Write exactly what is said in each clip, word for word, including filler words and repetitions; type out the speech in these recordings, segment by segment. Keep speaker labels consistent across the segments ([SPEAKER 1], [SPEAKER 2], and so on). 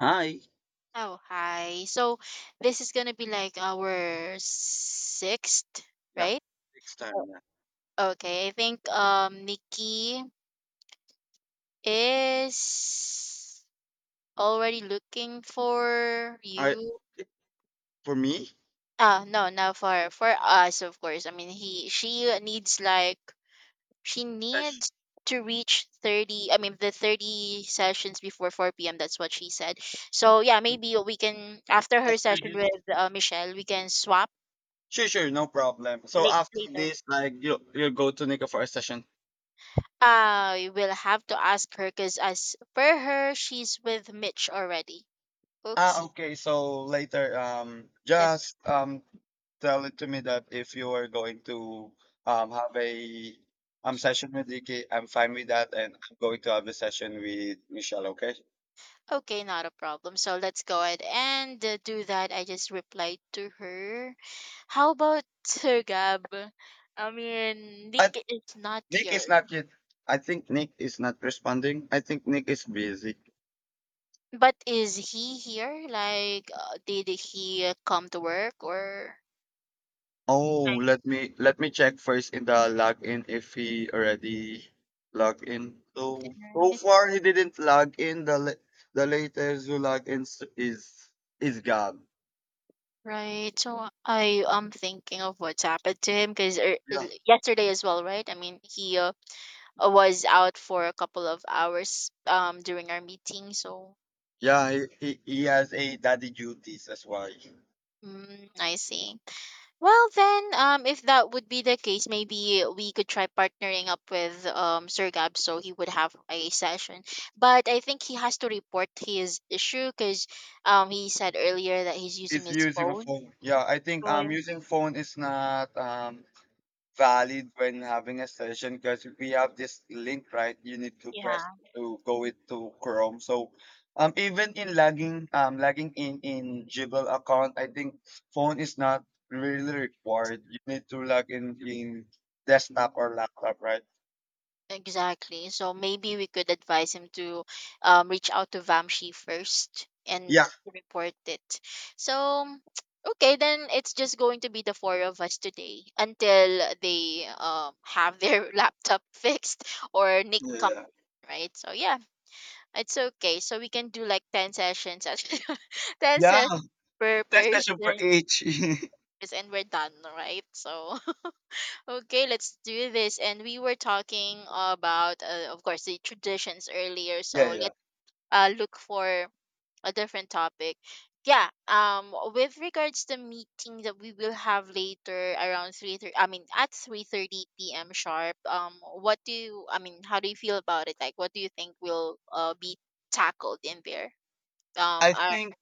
[SPEAKER 1] Hi.
[SPEAKER 2] Oh, hi. So this is gonna be like our sixth,
[SPEAKER 1] Yeah,
[SPEAKER 2] right?
[SPEAKER 1] next
[SPEAKER 2] Oh,
[SPEAKER 1] time. Yeah.
[SPEAKER 2] okay, I think um Nikki is already looking for
[SPEAKER 1] I
[SPEAKER 2] you.
[SPEAKER 1] it- for me,
[SPEAKER 2] Ah, no, not for for us, of course. I mean, he she needs like she
[SPEAKER 1] session
[SPEAKER 2] needs to reach thirty, I mean the thirty sessions before four p m. That's what she said. So yeah, maybe we can, after her
[SPEAKER 1] after
[SPEAKER 2] session
[SPEAKER 1] this.
[SPEAKER 2] with uh, Michelle, we can swap
[SPEAKER 1] Sure, sure, no problem. So
[SPEAKER 2] like
[SPEAKER 1] after
[SPEAKER 2] later.
[SPEAKER 1] this, like you you go to Nico for a session.
[SPEAKER 2] I will have to ask her because, as per her, she's with Mitch already.
[SPEAKER 1] Ah,
[SPEAKER 2] Oopsie.
[SPEAKER 1] okay. So later, um,
[SPEAKER 2] That
[SPEAKER 1] just um, tell it to me that if you are going to um have a um session with Nikki, I'm fine with that, and I'm going to have a session with Michelle. Okay.
[SPEAKER 2] Okay, not a problem. So let's go ahead and uh, do that. I just replied to her. How about uh, Gab? I mean,
[SPEAKER 1] And
[SPEAKER 2] Nick is not
[SPEAKER 1] Nick
[SPEAKER 2] here,
[SPEAKER 1] is not yet. I think Nick is not responding. I think Nick is busy.
[SPEAKER 2] but is he here? Like, uh, did he uh, come to work or?
[SPEAKER 1] Oh, let me let me check first in the login if he already logged in. So so
[SPEAKER 2] Right,
[SPEAKER 1] far he didn't log in. The la- the latest who log in s- is is Gab.
[SPEAKER 2] right. So I am thinking of what's happened to him because
[SPEAKER 1] Yeah,
[SPEAKER 2] yesterday as well, right? I mean, he uh, was out for a couple of hours um during our meeting, so yeah.
[SPEAKER 1] yeah. He, he he has a daddy duties. That's why
[SPEAKER 2] mm, I see. Well, then, um if that would be the case, maybe we could try partnering up with um sir Gab, so he would have a session. But I think he has to report his issue because um he said earlier that he's using
[SPEAKER 1] he's
[SPEAKER 2] his
[SPEAKER 1] using a
[SPEAKER 2] phone,
[SPEAKER 1] phone. Yeah, I think
[SPEAKER 2] so
[SPEAKER 1] um using phone is not um valid when having a session because we have this link, right? You need to press
[SPEAKER 2] yeah.
[SPEAKER 1] to go into Chrome. So um even in logging um logging in in Gmail account, I think phone is not really required. You need to log in in desktop or laptop, right?
[SPEAKER 2] Exactly. So maybe we could advise him to um, reach out to Vamshi first and
[SPEAKER 1] Yeah.
[SPEAKER 2] report it. So, okay, then it's just going to be the four of us today until they um, have their laptop fixed, or Nick comes
[SPEAKER 1] Yeah.
[SPEAKER 2] in, right? So, yeah, it's okay. So we can do like ten sessions, ten
[SPEAKER 1] Yeah,
[SPEAKER 2] sessions per
[SPEAKER 1] test session for
[SPEAKER 2] person,
[SPEAKER 1] each.
[SPEAKER 2] and we're done, right? So, okay, let's do this. And we were talking about, uh, of course, the traditions earlier. So
[SPEAKER 1] Yeah, yeah.
[SPEAKER 2] let's uh, look for a different topic. Yeah. Um. With regards to meeting that we will have later around three thirty. I mean, at three thirty p m sharp. Um. What do you? I mean, how do you feel about it? Like, what do you think will uh be tackled in there? Um.
[SPEAKER 1] I
[SPEAKER 2] Are
[SPEAKER 1] think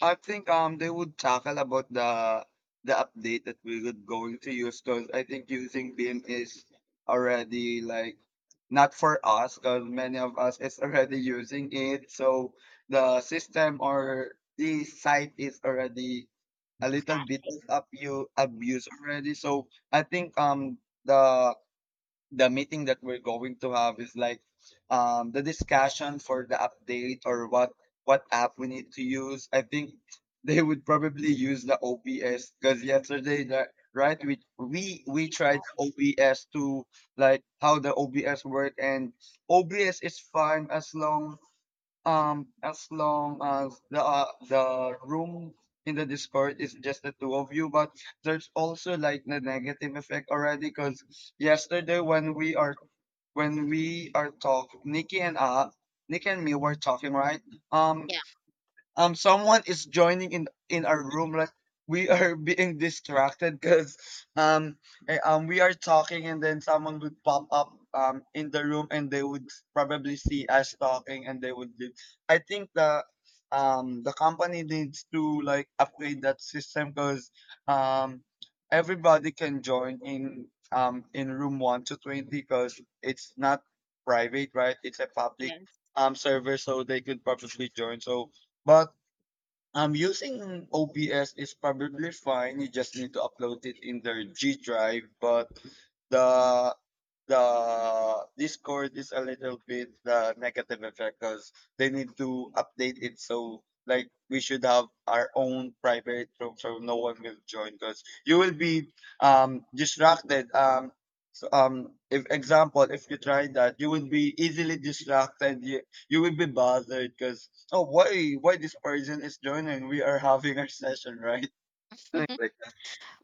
[SPEAKER 1] I think um they would tackle about the the update that we would going to use because I think using Beam is already like not for us because many of us is already using it. So the system or the site is already a little bit of abu abuse already. So I think um the the meeting that we're going to have is like um, the discussion for the update or what what app we need to use. I think they would probably use the O B S because yesterday the right we we we tried O B S to like how the O B S work, and O B S is fine as long um, as long as the uh, the room in the Discord is just the two of you, but there's also like the negative effect already. Because yesterday when we are when we are talk, Nikki and uh, Nikki and me were talking, right? Um,
[SPEAKER 2] yeah.
[SPEAKER 1] um Someone is joining in in our room like we are being distracted because um eh, um we are talking and then someone would pop up um in the room and they would probably see us talking and they would leave. I think the um the company needs to like upgrade that system because um everybody can join in um in room one to twenty because it's not private, right? It's a public
[SPEAKER 2] Yes.
[SPEAKER 1] um server, so they could probably join so. But um, using O B S is probably fine. You just need to upload it in their G Drive, but mm, the the Discord is a little bit the negative effect because they need to update it so like we should have our own private room so no one will join, because you will be um distracted, um so, um if example if you try that you will be easily distracted, you, you will be bothered because, oh, why why this person is joining, we are having our session, right? Like that.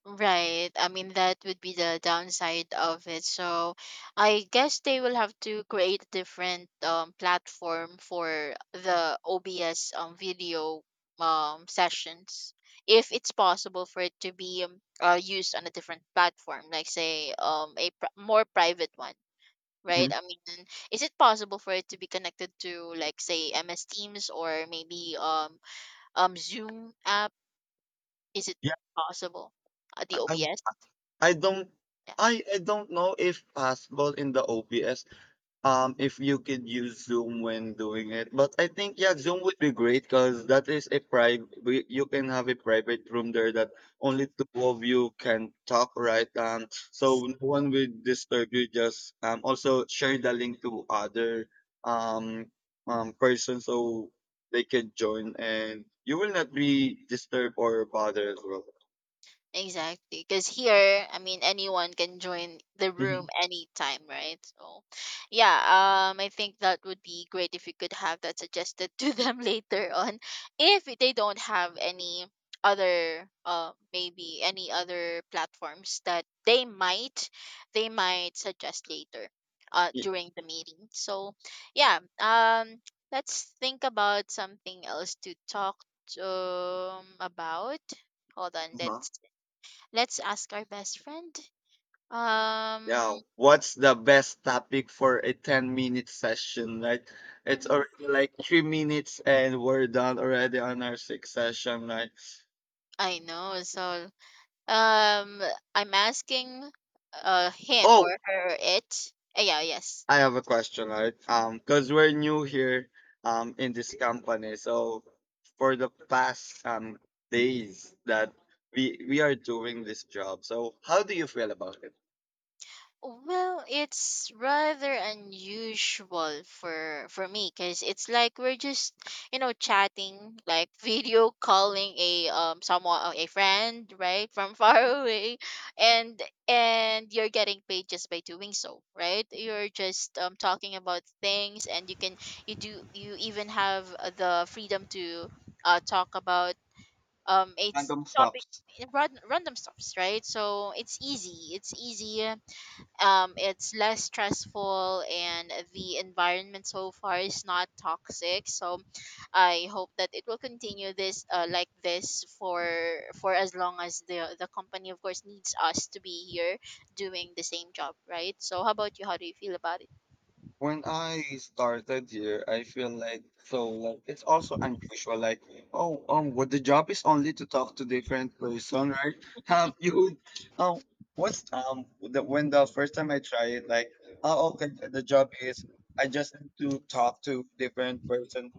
[SPEAKER 2] Right. I mean, that would be the downside of it. So I guess they will have to create a different um, platform for the O B S um, video um, sessions, if it's possible for it to be um, uh, used on a different platform, like, say, um, a pri- more private one.
[SPEAKER 1] Hmm.
[SPEAKER 2] Right. I mean, is it possible for it to be connected to, like, say, M S Teams or maybe um, um Zoom app? Is it
[SPEAKER 1] Yeah,
[SPEAKER 2] possible? At the
[SPEAKER 1] I
[SPEAKER 2] O B S?
[SPEAKER 1] I don't I I don't know if possible in the O B S um if you could use Zoom when doing it, but I think yeah, Zoom would be great because that is a private, you can have a private room there that only two of you can talk, right? um so no one will disturb you, just um also share the link to other um um person so they can join and you will not be disturbed or bothered as well.
[SPEAKER 2] Exactly. Because here, I mean, anyone can join the room
[SPEAKER 1] Mhm.
[SPEAKER 2] anytime, right? So, yeah, um, I think that would be great if you could have that suggested to them later on. If they don't have any other, uh, maybe any other platforms that they might, they might suggest later, uh, during the meeting. So, yeah, um, let's think about something else to talk um about. Hold on,
[SPEAKER 1] Yeah.
[SPEAKER 2] let's let's ask our best friend.
[SPEAKER 1] Yeah,
[SPEAKER 2] Um,
[SPEAKER 1] what's the best topic for a ten minute session, right? It's already like three minutes and we're done already on our sixth session, right?
[SPEAKER 2] I know. So, um, I'm asking, uh, him
[SPEAKER 1] Oh,
[SPEAKER 2] or her. It. Uh, yeah. Yes.
[SPEAKER 1] I have a question, right? Um, because we're new here um in this company. So for the past um days that we we are doing this job, so how do you feel about it?
[SPEAKER 2] Well, it's rather unusual for for me, because it's like we're just, you know, chatting, like video calling a um someone, a friend, right, from far away, and and you're getting paid just by doing so, right? You're just um talking about things, and you can you do you even have uh, the freedom to uh talk about um it's
[SPEAKER 1] Random
[SPEAKER 2] topic,
[SPEAKER 1] stops.
[SPEAKER 2] random random stuffs, right? So it's easy, it's easy, um, it's less stressful, and the environment so far is not toxic, so I hope that it will continue this, uh, like this, for for as long as the the company, of course, needs us to be here doing the same job, right? So how about you? How do you feel about it?
[SPEAKER 1] When I started here, I feel like so like it's also unusual. Like, oh, um, what the job is only to talk to different person, right? Um, you, um, what's um, The when the first time I try it, like, oh, okay, the job is I just need to talk to different person,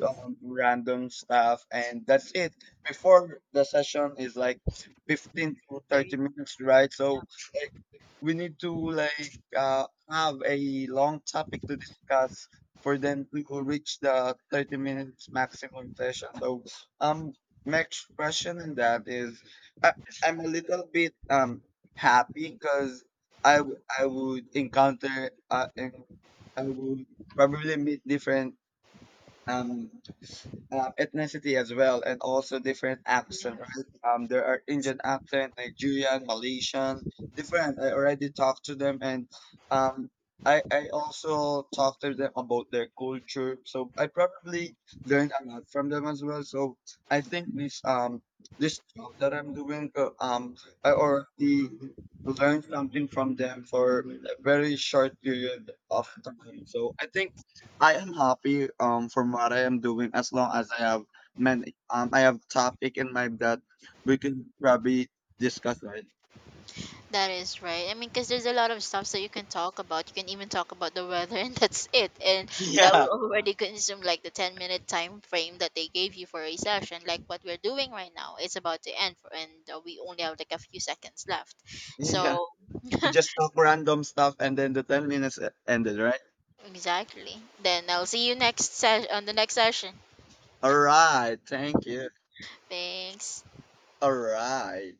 [SPEAKER 1] um, random stuff, and that's it. Before the session is like fifteen to
[SPEAKER 2] Sir?
[SPEAKER 1] thirty minutes, right? So like, we need to like uh have a long topic to discuss for them to reach the thirty minutes maximum session. So, um, next question in that is, I, I'm a little bit um happy because I w- I would encounter uh, en- I would probably meet different um uh, ethnicity as well, and also different accent,
[SPEAKER 2] Yeah.
[SPEAKER 1] right? Um, there are Indian accent, Nigerian, Malaysian, different. I already talked to them, and um, I I also talked to them about their culture. So I probably learned a lot from them as well. So I think this um this job that I'm doing, uh, um, I already learned something from them for a very short period of time. So I think I am happy um from what I am doing as long as I have many um I have topic in mind that we can probably discuss, right.
[SPEAKER 2] That is right. I mean, because there's a lot of stuff that you can talk about. You can even talk about the weather, and that's it. And that
[SPEAKER 1] Yeah.
[SPEAKER 2] will already consume like the ten minute time frame that they gave you for a session. Like what we're doing right now, it's about to end, for, and uh, we only have like a few seconds left.
[SPEAKER 1] Yeah.
[SPEAKER 2] So,
[SPEAKER 1] We just talk random stuff and then the ten minutes e- ended, right?
[SPEAKER 2] exactly. Then I'll see you next session, on the next session.
[SPEAKER 1] All
[SPEAKER 2] Yeah.
[SPEAKER 1] right, thank you.
[SPEAKER 2] Thanks.
[SPEAKER 1] All right.